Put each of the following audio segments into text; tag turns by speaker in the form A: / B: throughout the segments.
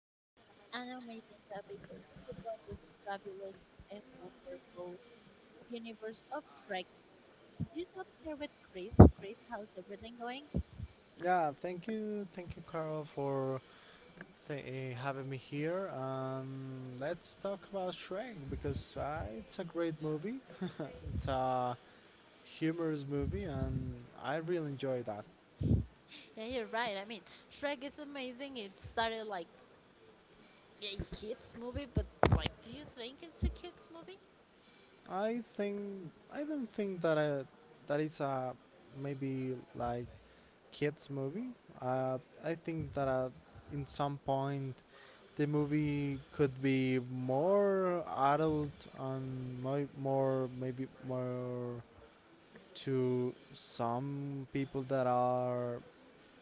A: talk about an amazing topic. It is about this fabulous and wonderful universe of Shrek. Today I'm here with Chris. Chris, how's everything going?
B: Yeah, thank you, Carl, for having me here. Let's talk about Shrek because it's a great movie. It's a humorous movie, and I really enjoy that.
A: Yeah, you're right. Shrek is amazing. It started like a kids movie, but do you think it's a kids movie?
B: I think I don't think that I, that is a maybe like kids movie. Uh, I think that in some point the movie could be more adult and more maybe more to some people that are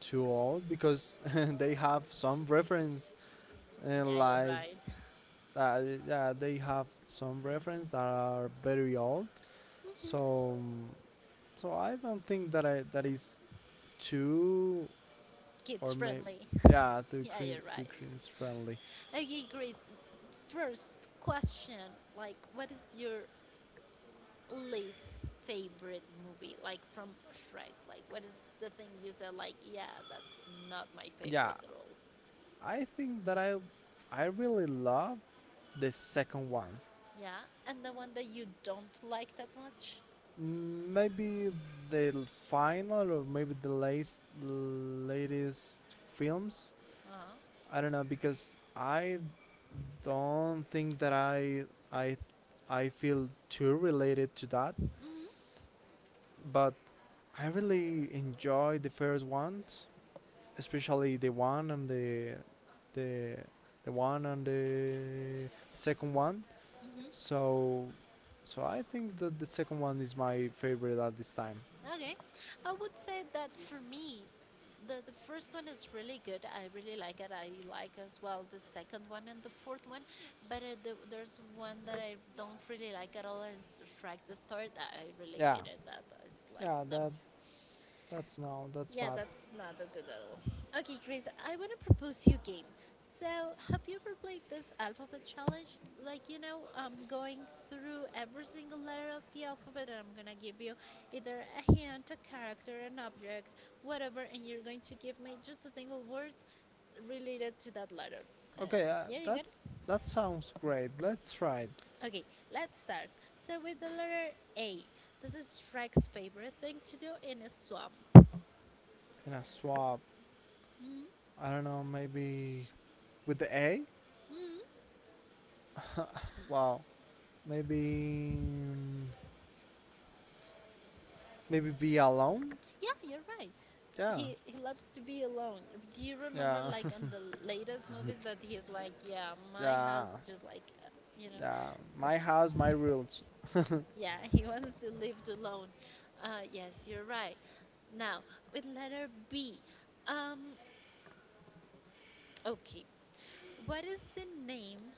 B: too old because they have some reference
A: Yeah,
B: and
A: you're
B: like
A: right.
B: uh, yeah, they have some reference that are very old, so so I don't think that I that is too, or
A: Kids
B: may,
A: friendly.
B: yeah, too
A: Yeah,
B: cringe,
A: you're
B: too
A: right.
B: cringe friendly.
A: Okay, Grace. First question, what is your least favorite movie, like from Shrek? What is the thing you said, like, yeah, that's not my
B: Yeah,
A: favorite at all?
B: I think that I really love the second one.
A: Yeah, and the one that you don't like that much?
B: Maybe the final or maybe the last latest films.
A: Uh huh.
B: I don't know because I don't think that I I feel too related to that,
A: Mm-hmm.
B: but I really enjoyed the first ones, especially the one and the the one and the second one. So so I think that the second one is my favorite at this time.
A: Okay, I would say that for me, the first one is really good. I really like it. I like as well the second one and the fourth one, but there's one that I don't really like at all. Is Shrek the Third. I really
B: Yeah.
A: hated that. It's like
B: Yeah,
A: no.
B: that's no, that's
A: Yeah,
B: bad.
A: that's not that good at all. Okay, Chris, I want to propose you a game. So, have you ever played this alphabet challenge? You know, I'm going through every single letter of the alphabet and I'm going to give you either a hint, a character, an object, whatever, and you're going to give me just a single word related to that letter. Uh,
B: Okay,
A: yeah, you got it?
B: that's, that sounds great. Let's try it.
A: Okay, let's start. So, with the letter A, this is Shrek's favorite thing to do in a swamp.
B: In a swap. I don't know, maybe with the A.
A: Hmm.
B: Wow, maybe maybe be alone.
A: Yeah, you're right.
B: Yeah,
A: He loves to be alone. Do you remember
B: yeah,
A: like on the latest movies that he's like, yeah, my
B: yeah,
A: house just like, you know,
B: yeah. My house, my rules.
A: yeah, he wants to live alone. Yes, you're right. Now with letter B, um, okay, what is the name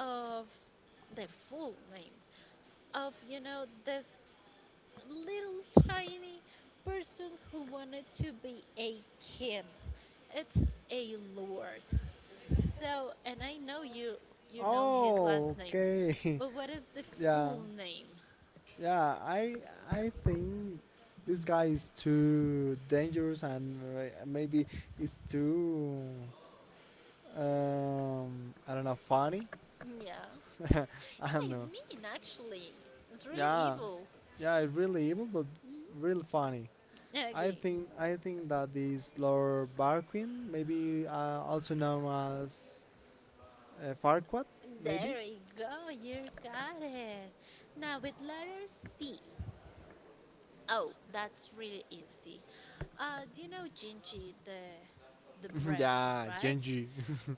A: of the full name of you know this little tiny person who wanted to be a king. It's a lord. So, and I know you you know his
B: Oh,
A: last name.
B: okay.
A: But what is the
B: Yeah,
A: full name?
B: yeah. I think this guy is too dangerous and maybe it's too I don't know, funny.
A: Yeah. Yeah,
B: I don't
A: he's
B: know.
A: mean actually. It's really
B: Yeah,
A: evil.
B: yeah, it's really evil, but really funny. I
A: Okay.
B: think I think that this Lord Barquin, maybe also known as Farquaad, maybe.
A: There we go. You got it. Now with letter C. Oh, that's really easy. Do you know Gingy the bread,
B: Yeah,
A: right?
B: Genji.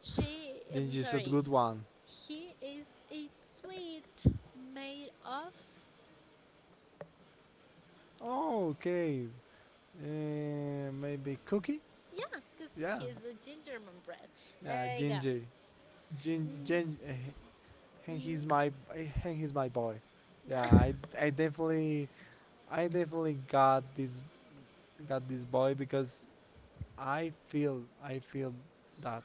A: She, I'm
B: Genji is a
A: sorry,
B: good one.
A: he is a sweet made of.
B: Oh, okay. Maybe Cookie.
A: Yeah, because
B: Yeah,
A: he's a gingerman bread.
B: yeah,
A: There you go.
B: Genji. Gen, Gen, eh, and he's
A: Mhm.
B: my and he's my boy.
A: Yeah.
B: Yeah, I definitely I definitely got this boy because I feel that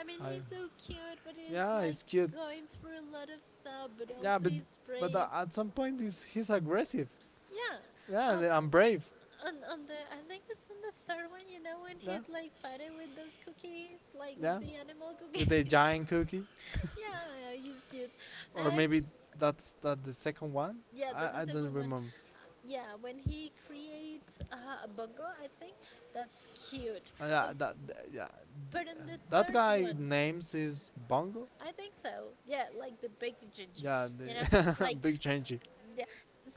A: I mean,
B: I,
A: he's so cute, but he's
B: yeah,
A: like
B: he's cute,
A: going through a lot of stuff, but
B: yeah,
A: also he's
B: but
A: brave.
B: at some point he's aggressive,
A: Yeah.
B: yeah,
A: Oh,
B: and I'm brave.
A: on the I think it's in the third one. You know when
B: Yeah,
A: he's like fighting with those cookies, like with
B: yeah,
A: the animal
B: with the
A: cookies.
B: giant cookie,
A: Yeah, yeah, he's cute.
B: or
A: I,
B: maybe that's that the second one.
A: Yeah, that
B: I
A: is a
B: don't
A: good one.
B: remember.
A: Yeah, when he creates a bongo, I think that's cute. Uh,
B: Yeah, that yeah,
A: but in the
B: that
A: third
B: guy
A: one,
B: names is Bongo.
A: I think so. Yeah, like the big Jinji,
B: Yeah,
A: you know,
B: the
A: like
B: big changey.
A: yeah.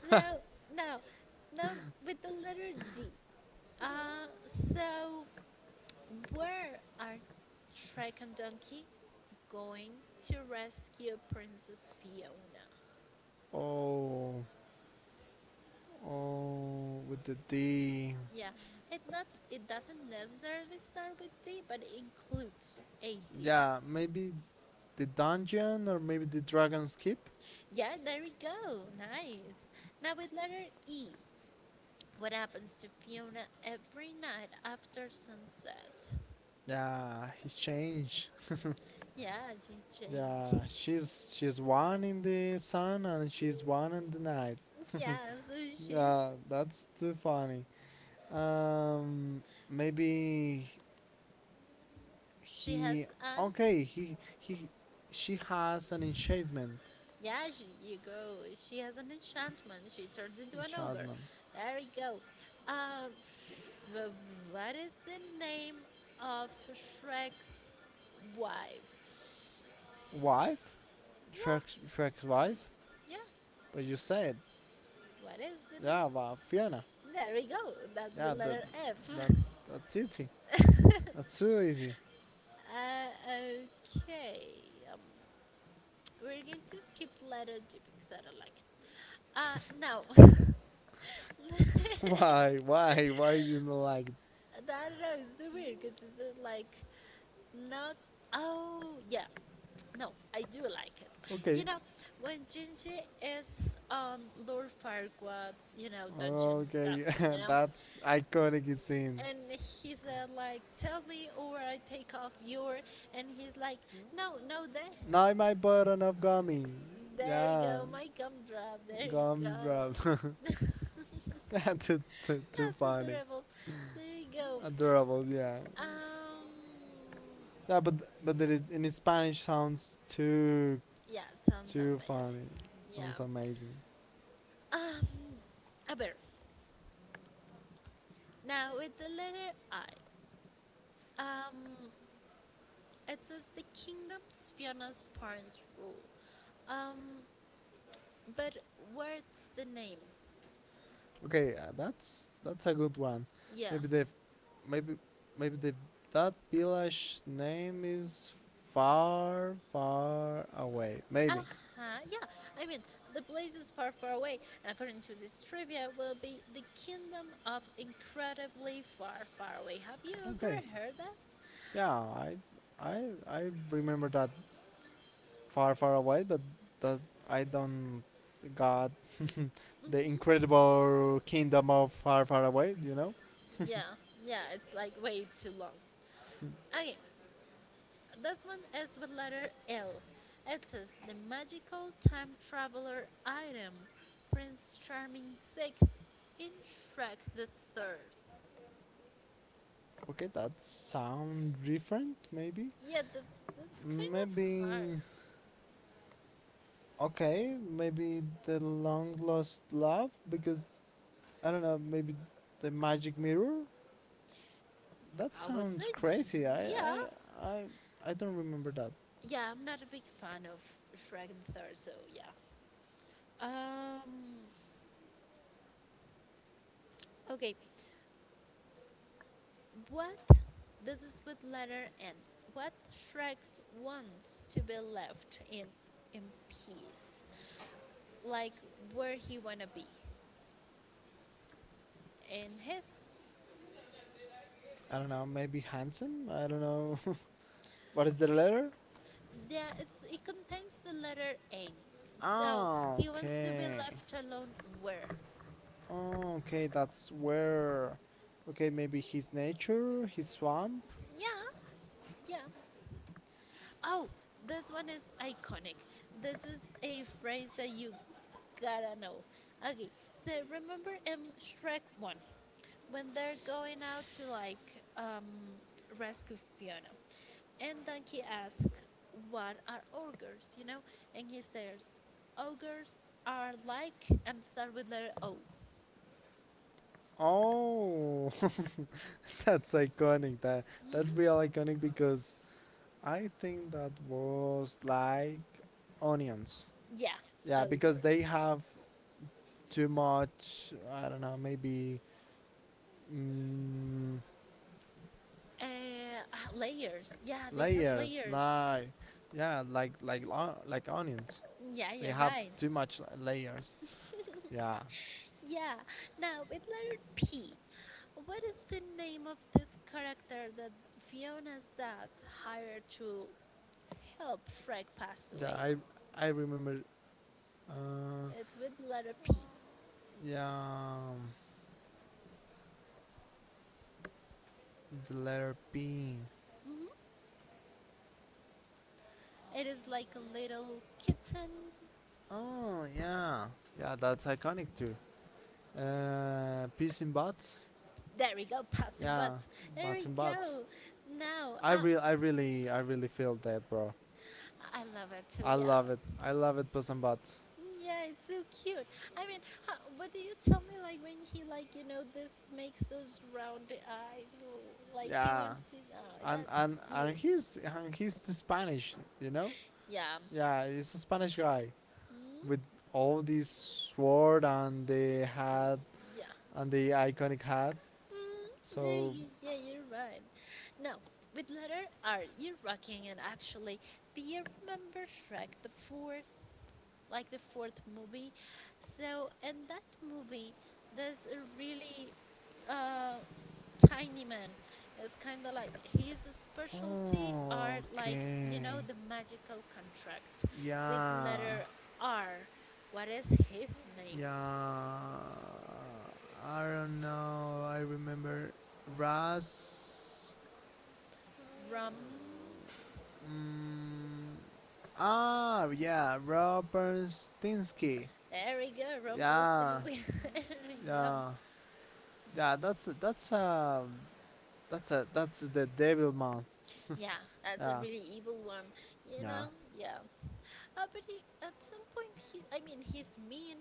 A: So now, now with the letter D. So where are Shrek and Donkey going to rescue Princess Fiona?
B: Oh, oh, with the D.
A: Yeah, it doesn't necessarily start with D, but it includes a D.
B: Yeah, maybe the dungeon or maybe the dragon's keep.
A: Yeah, there we go. Nice. Now with letter E, what happens to Fiona every night after sunset?
B: Yeah, he changed.
A: Yeah, she changed.
B: Yeah, she's one in the sun and she's one in the night.
A: Yeah, so she's
B: Yeah, that's too funny. Um, maybe
A: she
B: he.
A: has an
B: Okay, he, she has an enchantment.
A: Yeah, she, you go. She has an enchantment. She turns into an ogre.
B: Enchantment.
A: There you go. Um, wh- what is the name of Shrek's wife?
B: Wife, Trek's
A: Yeah,
B: Trek's wife.
A: yeah.
B: But you said,
A: What is the
B: yeah, well,
A: name?
B: Fiona.
A: There we go. That's the
B: Yeah, that
A: letter F.
B: that's that's it. That's so easy.
A: Okay. Um, we're going to skip letter G because I don't like it. No. I
B: Why? Why? Why didn't like it?
A: don't know. It's too weird because it's like not. Oh, yeah. No, I do like it.
B: Okay.
A: You know, when Jinji is on Lord Farquaad's, you know, dungeon stuff,
B: Okay.
A: you know,
B: That's iconic scene.
A: and he said like, "Tell me, or I take off your," and he's like, "No, no, there,
B: Now my button of gummy.
A: there you
B: Yeah.
A: go, my gumdrop, there you
B: Gum drops.
A: go."
B: Too, too, too
A: That's
B: funny.
A: adorable. There you go.
B: Adorable. Yeah.
A: Um,
B: Yeah, but it is, in Spanish sounds too
A: yeah, it sounds
B: too
A: amazing.
B: funny. Sounds
A: Yeah.
B: amazing.
A: Um, a bear. Now with the letter I. Um, it says the kingdoms Fiona's parents rule. Um, but where's the name?
B: Okay, that's a good one.
A: Yeah.
B: Maybe the maybe maybe the that village name is far far away.
A: Uh
B: Maybe.
A: huh. Yeah. I mean, the place is far, far away, and according to this trivia, will be the kingdom of incredibly far, far away. Have you ever
B: Okay.
A: heard that?
B: Yeah, I remember that far far away, but that I don't got the
A: Hmm.
B: incredible kingdom of far far away. You know.
A: Yeah. Yeah. It's like way too long. Okay. This one is with letter L. It is the magical time traveler item, Prince Charming 6 in Shrek the Third.
B: Okay, that sound different. Maybe.
A: Yeah, that's kind of hard.
B: Maybe. Okay. Maybe the long lost love because I don't know. Maybe the magic mirror. That
A: I would say,
B: sounds crazy.
A: yeah,
B: I, I don't remember that.
A: yeah. I'm not a big fan of Shrek the Third, so yeah. Um, okay. What? This is with letter N. What Shrek wants to be left in peace. Like where he wanna be. And his
B: I don't know. Maybe handsome. I don't know. What is the letter?
A: yeah, it's it contains the letter N. So Oh.
B: Ah,
A: He wants to be
B: okay.
A: left alone where?
B: Oh, okay, that's where. Okay, maybe his nature, his swamp.
A: Yeah, yeah. Oh, this one is iconic. This is a phrase that you gotta know. Okay, so remember in Shrek 1 when they're going out to like rescue Fiona, and Donkey asks, what are ogres? You know, and he says, ogres are like, and start with letter O.
B: Oh, that's iconic. That's
A: Mhm.
B: real iconic because I think that was like onions.
A: Yeah,
B: Yeah, because they
A: ogres.
B: have too much. I don't know. Maybe. Mm,
A: Uh, layers. Yeah, they have
B: layers,
A: layers.
B: like, yeah, like like onions.
A: Yeah,
B: They
A: you're
B: have
A: right.
B: too much layers. Yeah,
A: Yeah, now with letter P, what is the name of this character that Fiona's dad hired to help Shrek pass
B: yeah.
A: away?
B: I remember. Uh,
A: It's with letter P.
B: yeah, um, the letter P.
A: Mhm. It is like a little kitten.
B: Oh yeah, yeah. That's iconic too. Peas in butts.
A: There we go, passing
B: Yeah,
A: butts. There
B: butts
A: we
B: in butts.
A: go. Now,
B: I really feel that, bro.
A: I love it too,
B: I
A: yeah.
B: love it. I love it, peas and butts.
A: Yeah, it's so cute. I mean, how, what do you tell me like when he like you know this makes those round eyes l- like he
B: Yeah,
A: wants to? Oh,
B: and
A: that's
B: and
A: cute.
B: he's too Spanish, you know.
A: Yeah.
B: Yeah, he's a Spanish guy
A: Mm?
B: with all this sword and the hat
A: Y- Yeah.
B: and the iconic hat.
A: Mm, there
B: So,
A: you, yeah, you're right. Now, with letter R, you're rocking it actually. Do you remember Shrek the Fourth? Like the fourth movie. So in that movie, there's a really uh, tiny man. It's kind of like his specialty are
B: oh,
A: like you know
B: okay,
A: the magical contracts with
B: yeah,
A: letter R. What is his name?
B: yeah. I don't know. I remember Ras.
A: Rum.
B: Mm, ah, yeah, Robert Stinsky.
A: There we go,
B: Yeah,
A: Rumpelstiltskin. There we go.
B: yeah, yeah. That's a that's the Devil Man.
A: Yeah, that's a
B: Yeah.
A: really evil one. You
B: Yeah.
A: know, yeah. But he, at some point, he, I mean, he's mean,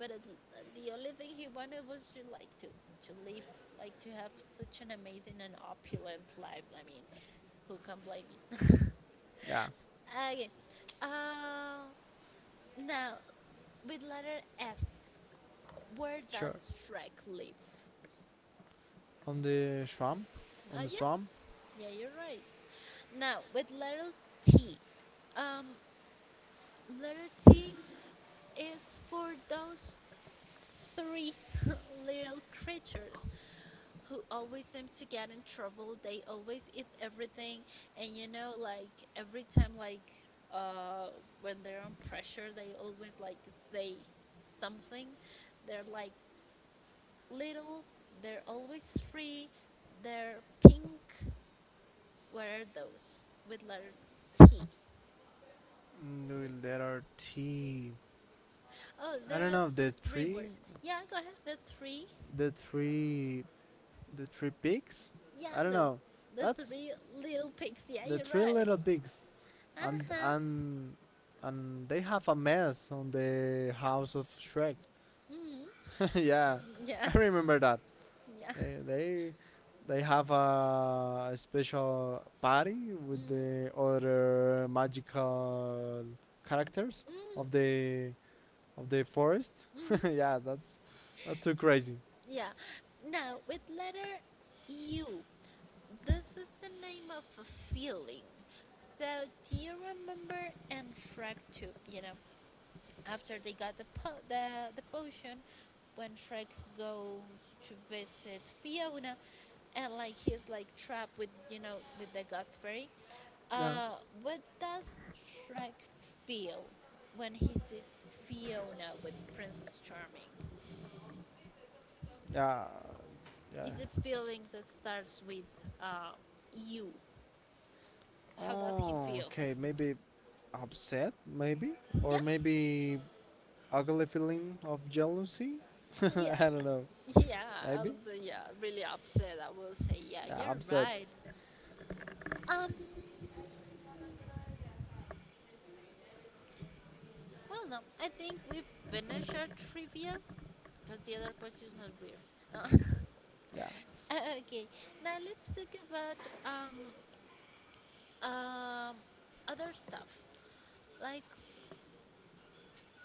A: but the only thing he wanted was to like to live, like to have such an amazing and opulent life. I mean, who can blame me?
B: Yeah,
A: Okay. Uh, now with letter S, where
B: sure.
A: does Shrek live?
B: On the swamp, on the
A: Yeah,
B: swamp,
A: yeah, you're right. Now with T, um, letter T is for those three little creatures who always seems to get in trouble. They always eat everything, and you know, like every time, like uh, when they're on pressure, they always like say something. They're like little. They're always free. They're pink. What are those with letter T?
B: mm, there are three.
A: Oh,
B: I
A: there
B: don't
A: are
B: know the
A: three
B: three,
A: words. Yeah, go ahead. The three.
B: the three, the three pigs.
A: Yeah,
B: I don't know.
A: the
B: That's
A: three little pigs. Yeah,
B: the
A: you're
B: three
A: right.
B: little pigs,
A: Uh
B: and
A: huh.
B: and they have a mess on the house of Shrek.
A: Mm-hmm.
B: Yeah,
A: Yeah,
B: I remember that.
A: yeah.
B: They they have a special party with
A: Mhm.
B: the other magical characters of
A: Mhm.
B: the forest.
A: Mhm.
B: Yeah, that's too crazy.
A: Yeah. Now, with letter U, this is the name of a feeling. So, do you remember in Shrek 2, you know, after they got the potion, when Shrek goes to visit Fiona, and like he's like trapped with, you know, with the god fairy,
B: Yeah,
A: Uh, what does Shrek feel when he sees Fiona with Princess Charming?
B: yeah, yeah.
A: Is a feeling that starts with uh, you. How does he
B: Oh,
A: feel?
B: okay. Maybe upset, maybe,
A: Yeah,
B: or maybe ugly feeling of jealousy.
A: yeah,
B: I don't know.
A: yeah. I'll
B: Maybe.
A: say yeah. Really upset. I will say yeah.
B: Yeah,
A: You're
B: upset.
A: right. Um. Well, no. I think we finish our trivia because the other question is not weird.
B: Yeah.
A: Okay. Now let's talk about um um other stuff. Like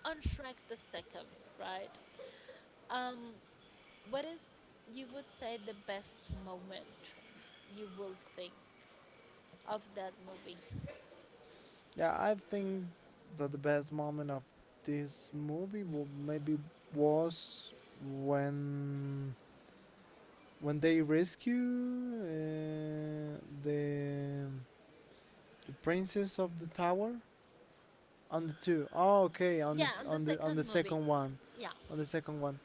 A: on Shrek the second, right? Um, what is you would say the best moment you will think of that movie?
B: Yeah, I think that the best moment of this movie will maybe was when when they rescue the the princess of the tower on the two. Oh, okay, on
A: Yeah,
B: the
A: on the
B: on the
A: second movie.
B: second one,
A: Yeah.
B: on the second one.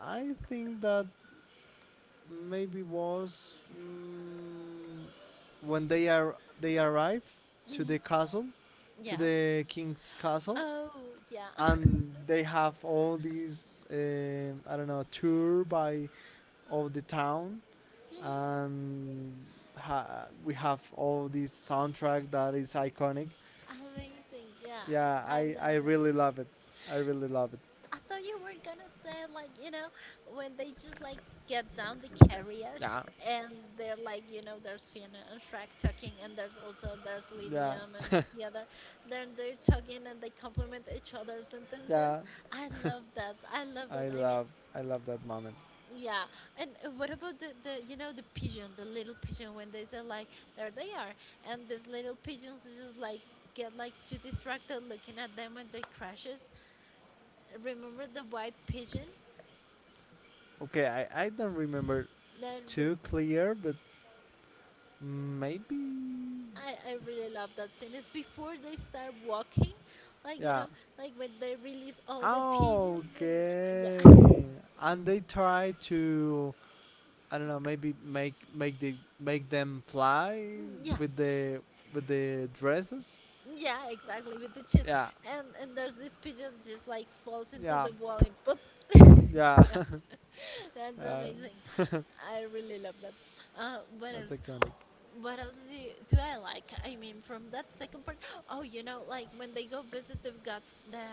B: I think that maybe was mm, when they arrive to the
A: Hmm.
B: castle to
A: Yeah.
B: the king's castle
A: Oh, yeah.
B: and they have all these um, I don't know, tour by of the town and we have all this soundtrack that is iconic.
A: Amazing. Yeah,
B: Yeah,
A: I
B: I
A: love
B: I
A: it.
B: really love it. I really love it.
A: I thought you were gonna say like you know when they just like get down the carriage
B: Yeah.
A: and they're like you know there's Fiona and Shrek talking and there's also there's
B: Yeah,
A: Linium and the other then they're talking and they compliment each other's sentences.
B: yeah,
A: I love that. I love that.
B: I
A: I mean.
B: love I love that moment.
A: Yeah, and what about the you know the pigeon, the little pigeon when they say like there they are, and these little pigeons just like get like too distracted looking at them and they crashes. Remember the white pigeon?
B: Okay, I don't remember
A: that the-
B: too clear, but maybe
A: I really love that scene. It's before they start walking, like you know,
B: yeah.
A: like when they release all the pigeons and yeah,
B: Okay, and they try to, I don't know, maybe make the make them fly
A: yeah,
B: with the dresses.
A: yeah, exactly with the chest,
B: Yeah,
A: and there's this pigeon just like falls into
B: yeah,
A: the wall and pop.
B: yeah.
A: Yeah, that's
B: Uh,
A: amazing.
B: that's
A: I really love that. What else?
B: iconic.
A: What else do I like? I mean, from that second part, oh, you know, like when they go visit the god, the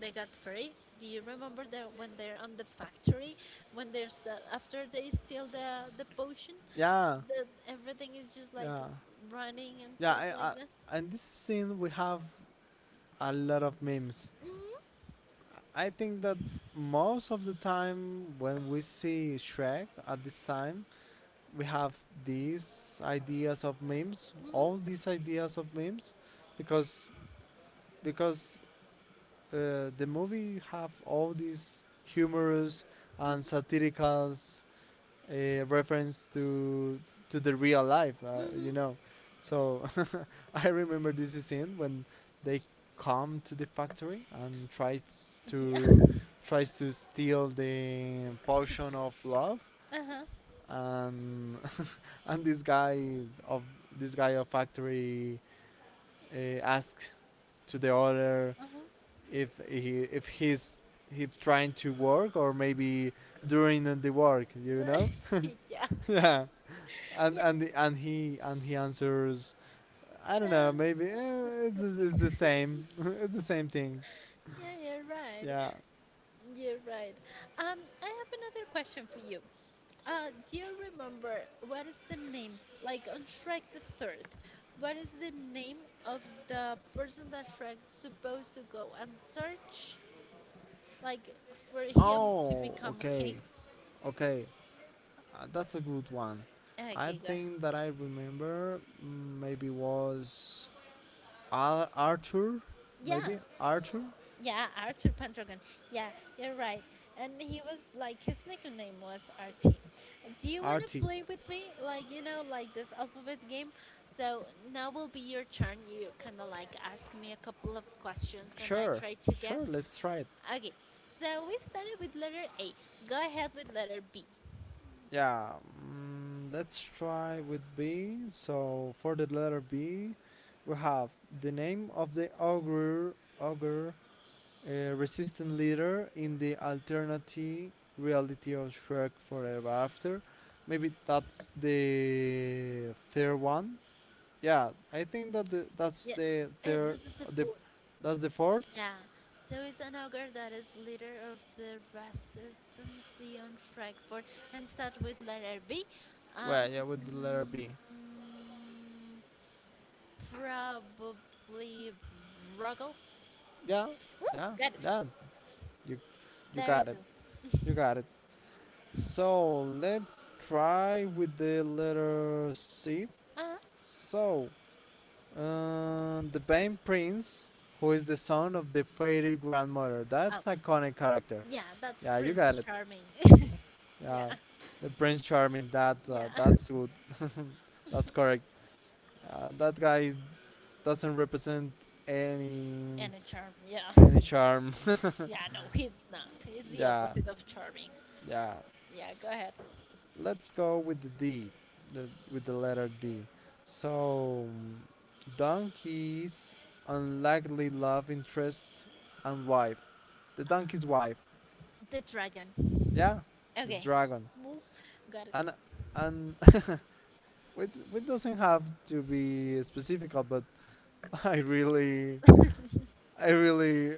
A: they got fairy. Do you remember that when they're on the factory, when there's that after they steal the potion,
B: Yeah,
A: the everything is just like
B: yeah,
A: running and
B: yeah.
A: stuff like that.
B: And this scene we have a lot of memes. I think that most of the time when we see Shrek at this time, we have these ideas of memes,
A: hmm
B: all these ideas of memes, because because the movie have all these humorous and satirical reference to the real life,
A: hmm
B: you
A: hmm
B: know. So I remember this scene when they come to the factory and
A: Yeah.
B: tries to steal the potion of love
A: Uh huh.
B: and and of this guy of factory asks to the other
A: Uh huh.
B: if he's if trying to work or maybe during the work, you know?
A: yeah,
B: Yeah. And
A: yeah,
B: he and he answers, I don't know,
A: um,
B: maybe eh,
A: so-
B: it's the same. It's the same thing.
A: yeah, you're right.
B: Yeah.
A: You're right. I have another question for you. Do you remember what is the name, like on Shrek the Third, what is the name of the person that Shrek's supposed to go and search, like for him to
B: Oh,
A: become a
B: okay.
A: king?
B: Okay. That's a good one. I
A: Okay, go ahead.
B: think that I remember mm, maybe was Arthur,
A: Yeah.
B: maybe Arthur,
A: Yeah, Arthur Pendragon. Yeah, you're right. And he was like his nickname was RT. Do you wanna
B: Artie.
A: play with me? Like you know, like this alphabet game. So now will be your turn. You kinda like ask me a couple of questions and I
B: Sure,
A: try to
B: sure.
A: guess.
B: Let's try it.
A: Okay. So we started with letter A. Go ahead with letter B.
B: Yeah, mm, let's try with B. So for the letter B, we have the name of the ogre, ogre, resistant leader in the alternative reality of Shrek Forever After. Maybe that's the third one. Yeah, I think that that's
A: Yeah.
B: the third,
A: This is the
B: the
A: fourth.
B: that's the fourth.
A: Yeah, so it's an ogre that is leader of the resistance on Shrek4 and start with letter B.
B: Well,
A: Um,
B: yeah, with the letter B.
A: Probably Ruggle.
B: Yeah,
A: Woo,
B: yeah,
A: got it.
B: yeah. You you
A: There you
B: got it.
A: go.
B: You got it. So let's try with the letter C.
A: Uh-huh.
B: So the Bane Prince, who is the son of the fairy grandmother.
A: Oh,
B: That's iconic character.
A: yeah, that's
B: Yeah, you got
A: Prince
B: it.
A: Charming. Yeah,
B: Yeah, the Prince Charming. That
A: yeah.
B: that's good. That's correct. That guy doesn't represent any
A: And a charm, yeah.
B: any charm.
A: Yeah, no, he's not. He's the
B: Yeah,
A: opposite of charming.
B: yeah.
A: Yeah, go ahead.
B: Let's go with the D, with the letter D. So, donkey's unlikely love interest and wife. The donkey's wife,
A: The dragon.
B: yeah, the, okay,
A: Okay.
B: dragon.
A: Boop. Got it.
B: And and it doesn't have to be specific, but I really, I really,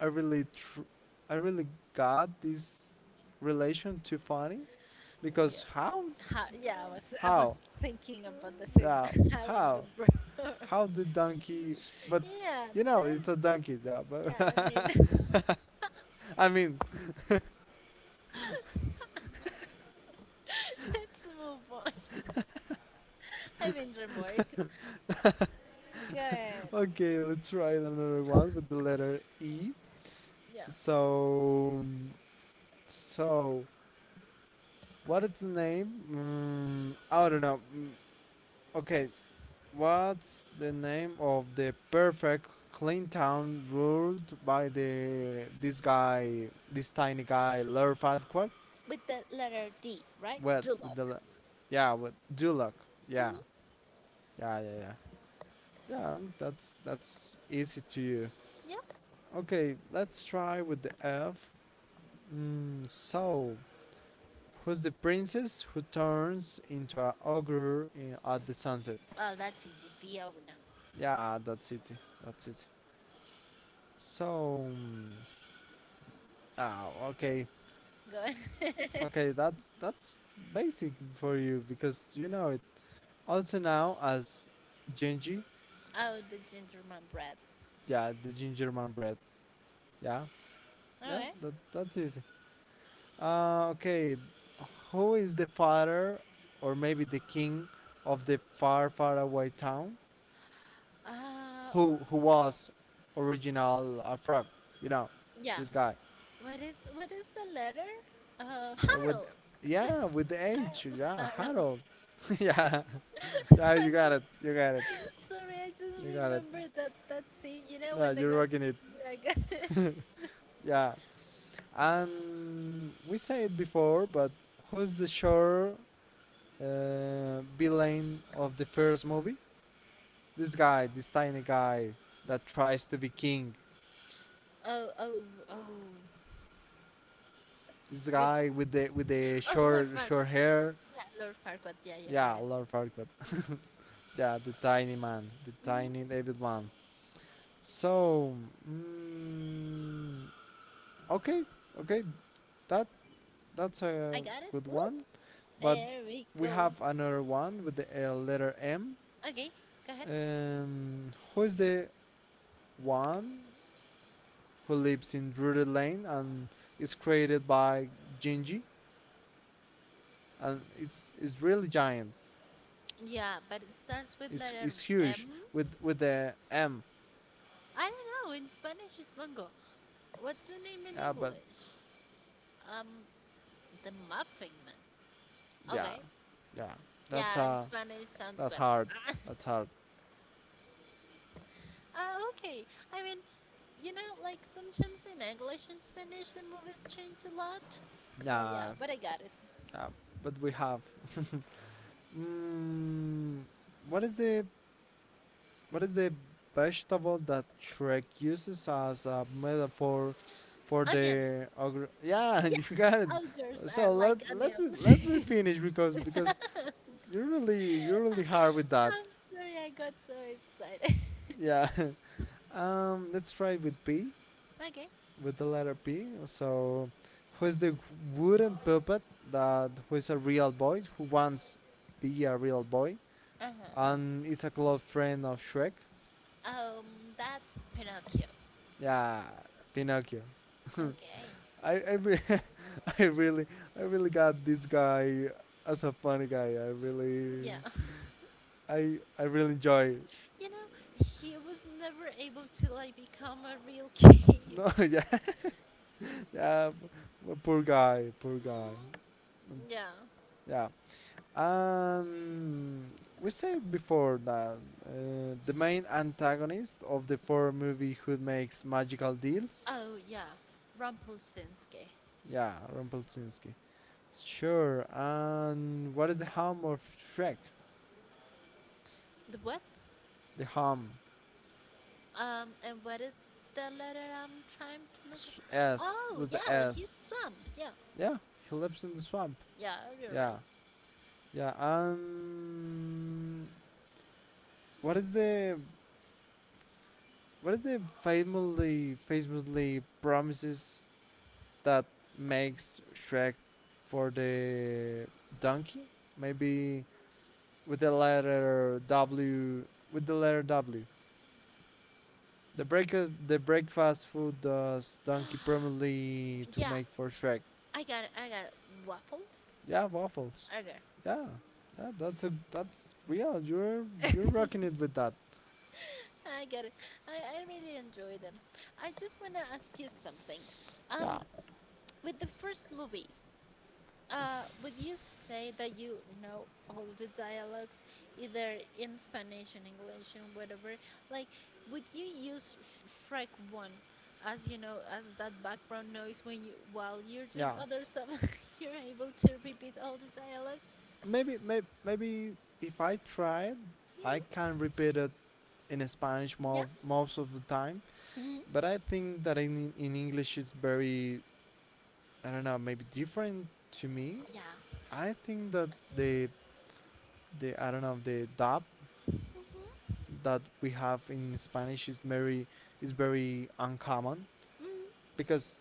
B: I really, tr- I really got this relation too funny
A: Yeah.
B: because
A: Ha- yeah, I was I
B: how,
A: was thinking about the same.
B: yeah,
A: How in the
B: how.
A: bro.
B: How the donkey? But
A: Yeah,
B: you know,
A: that,
B: it's a donkey job.
A: yeah. I mean,
B: But I mean,
A: let's move on. I mean, remarks. Go ahead.
B: okay, let's try another one with the letter E.
A: Yeah,
B: So, so, what is the name? Mm, I don't know. Mm, okay, what's the name of the perfect clean town ruled by the this guy, this tiny guy, Lerfadquad?
A: with the letter D, right?
B: What
A: Dulok.
B: with the, le- Yeah, with Dulok. Yeah,
A: Hmm.
B: yeah, yeah, yeah. Yeah, that's easy to you.
A: Yeah.
B: Okay, let's try with the F. Mm, so, who's the princess who turns into a ogre in, at the sunset?
A: Well, that's easy. Fiona.
B: Yeah, that's it. That's it. So, mm, ah, okay,
A: Go ahead.
B: okay, that's basic for you because you know it. Also now as Genji,
A: Oh, the gingerman bread.
B: yeah, the ginger man bread. Yeah,
A: All
B: yeah,
A: right.
B: that that's easy. Okay, who is the father or maybe the king of the far, far away town?
A: Uh,
B: Who was original frog? You know,
A: yeah.
B: this guy.
A: What is the letter?
B: With,
A: Harold.
B: yeah, with the H,
A: Harold.
B: yeah,
A: Harold.
B: Harold. Yeah, yeah,
A: I just
B: you got it.
A: sorry. I just
B: You got it,
A: remembered that that scene. You know
B: yeah,
A: when they
B: you're
A: got.
B: rocking it.
A: Yeah, I got it.
B: Yeah, and we said it before, but who's the sure villain of the first movie? This guy, this tiny guy that tries to be king.
A: Oh oh oh.
B: This
A: With
B: guy with the
A: oh Lord Farquaad.
B: short hair.
A: Yeah, Lord Farquaad. Yeah, yeah, got
B: Yeah,
A: it.
B: a lot of art, but yeah, the tiny man, the tiny
A: Hmm.
B: David man. So, mm, okay, okay, that that's
A: I
B: a
A: got it.
B: good
A: Woo!
B: one. But
A: There we
B: we
A: go.
B: have another one with the letter M.
A: Okay, go ahead.
B: Who is the one who lives in Drury Lane and is created by Gingy? And it's really giant.
A: Yeah, but it starts with
B: It's
A: letter
B: it's huge
A: M.
B: with the M.
A: I don't know. In Spanish, it's mango. What's the name in
B: Yeah, but
A: English? Um, the Muffin Man.
B: yeah,
A: Okay.
B: yeah. That's
A: Yeah, in
B: uh
A: Spanish sounds
B: that's
A: better.
B: hard. That's hard.
A: Ah, okay. I mean, you know, like sometimes in English and Spanish the movies change a lot. So yeah,
B: Yeah,
A: but I got it.
B: yeah. But we have. Mm, what is the what is the vegetable that Shrek uses as a metaphor for
A: Onion.
B: the ogre? Yeah, you got it.
A: Yeah, ogres are
B: So let
A: like
B: let me
A: onions.
B: let me finish because you're really hard with that.
A: I'm sorry, I got so excited.
B: Yeah. Let's try with P,
A: Okay.
B: with the letter P. So, who is the wooden puppet that who is a real boy who wants be a real boy
A: Uh huh.
B: and is a close friend of Shrek?
A: Um, that's Pinocchio.
B: Yeah, Pinocchio.
A: Okay.
B: I I, re- I really I really got this guy as a funny guy.
A: Yeah.
B: I really enjoy.
A: You know, he was never able to like become a real king.
B: No, yeah, yeah. Poor guy, poor guy.
A: Mm,
B: It's-
A: yeah.
B: yeah. Um, we said before that the main antagonist of the four movie who makes magical deals.
A: Oh yeah. Rumpelsinski.
B: Yeah, Rumpelstiltskin. Sure. And what is the hum of Shrek?
A: The what?
B: The hum.
A: And what is the letter I'm trying to look up?
B: S, S
A: Oh
B: with the
A: yeah, he's
B: S.
A: swamp. Yeah.
B: Yeah, he lives in the swamp.
A: Yeah, you're right.
B: Yeah, yeah. What is the what is the famously promises that makes Shrek for the donkey. Maybe with the letter W. With the letter W. The breakfast food does donkey permanently to
A: Yeah,
B: make for Shrek.
A: I got it. I got it. Waffles?
B: Yeah, waffles.
A: Okay.
B: Yeah, yeah, that's a that's real. You're rocking it with that.
A: I get it. I really enjoy them. I just want to ask you something. Um,
B: Yeah,
A: with the first movie, would you say that you know all the dialogues, either in Spanish and English and whatever? Like, would you use Sh- Shrek One as you know as that background noise when you while you're doing
B: yeah.
A: other stuff, you're able to repeat all the dialogs.
B: Maybe if I tried,
A: Mm-hmm.
B: I can repeat it in Spanish
A: Yeah.
B: most of the time.
A: Mm-hmm.
B: But I think that in English it's very, I don't know, maybe different to me.
A: Yeah.
B: I think that the the I don't know, the dub
A: Mm-hmm.
B: that we have in Spanish is very uncommon
A: Mm-hmm.
B: because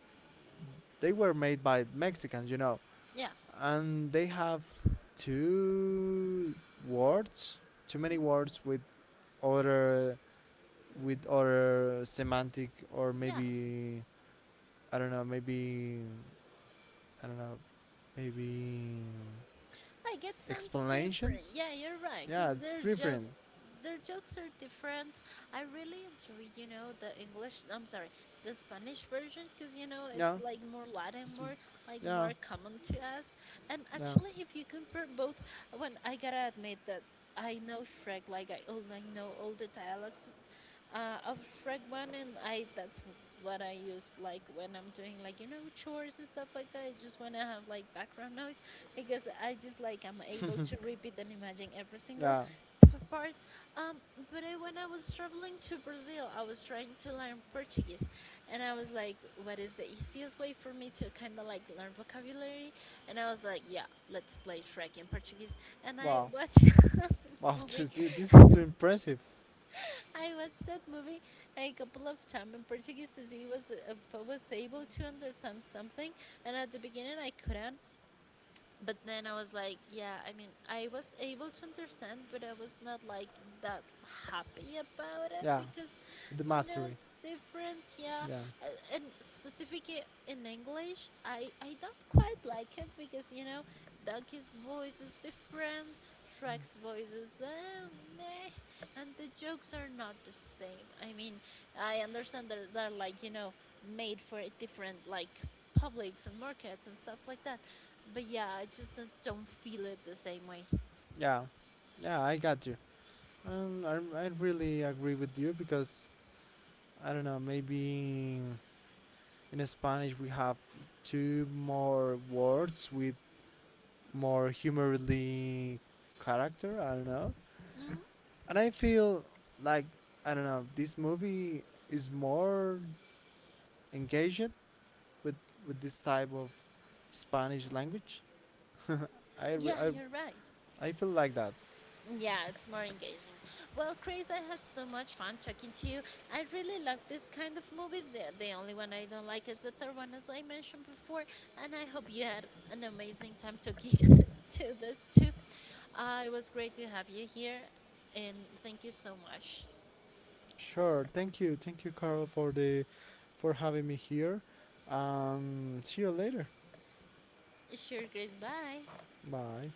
B: they were made by Mexicans, you know,
A: Yeah.
B: and they have two words, too many words other with other semantic or
A: Yeah,
B: maybe I don't know, maybe I don't know, maybe
A: I get sounds different.
B: explanations.
A: Yeah, you're right, cause
B: Yeah, it's different.
A: their jokes are different. I really enjoy, you know, the English. I'm sorry, the Spanish version, cause you know it's
B: Yeah,
A: like more Latin,
B: it's,
A: more like more
B: yeah,
A: common to us. And
B: yeah,
A: actually, if you compare both, when I gotta admit that I know Shrek, like I all I know all the dialogues, of Shrek One, and I that's what I use like when I'm doing like you know chores and stuff like that. I just wanna have like background noise because I just like I'm able to repeat and imagine every single
B: yeah.
A: p- part. Um, but I, when I was traveling to Brazil, I was trying to learn Portuguese, and I was like, what is the easiest way for me to kind of like learn vocabulary? And I was like, yeah, let's play Shrek in Portuguese, and I
B: Wow,
A: watched the
B: wow.
A: movie.
B: This is too impressive.
A: I watched that movie a couple of times in Portuguese to see was if I was able to understand something. And at the beginning, I couldn't. But then I was like, yeah, I mean, I was able to understand, but I was not like that happy about it
B: Yeah,
A: because,
B: the
A: you know,
B: mastery.
A: it's different. Yeah,
B: Yeah,
A: A- and specifically in English, I don't quite like it because you know, Donkey's voice is different, Shrek's voice is meh and the jokes are not the same. I mean, I understand that they're like you know made for a different like publics and markets and stuff like that, but yeah, I just don't feel it the same way.
B: yeah, yeah. I got you. I really agree with you because I don't know. Maybe in Spanish we have two more words with more humorly character. I don't know.
A: Mm,
B: And I feel like I don't know, this movie is more engaged with this type of Spanish language. I,
A: yeah,
B: re- I
A: you're right.
B: I feel like that.
A: Yeah, it's more engaging. Well, Chris, I had so much fun talking to you. I really like this kind of movies. The only one I don't like is the third one, as I mentioned before. And I hope you had an amazing time talking to this too. It was great to have you here. And thank you so much.
B: Sure. Thank you. Thank you, Carl, for the for having me here. See you later.
A: Sure, Grace. Bye.
B: Bye.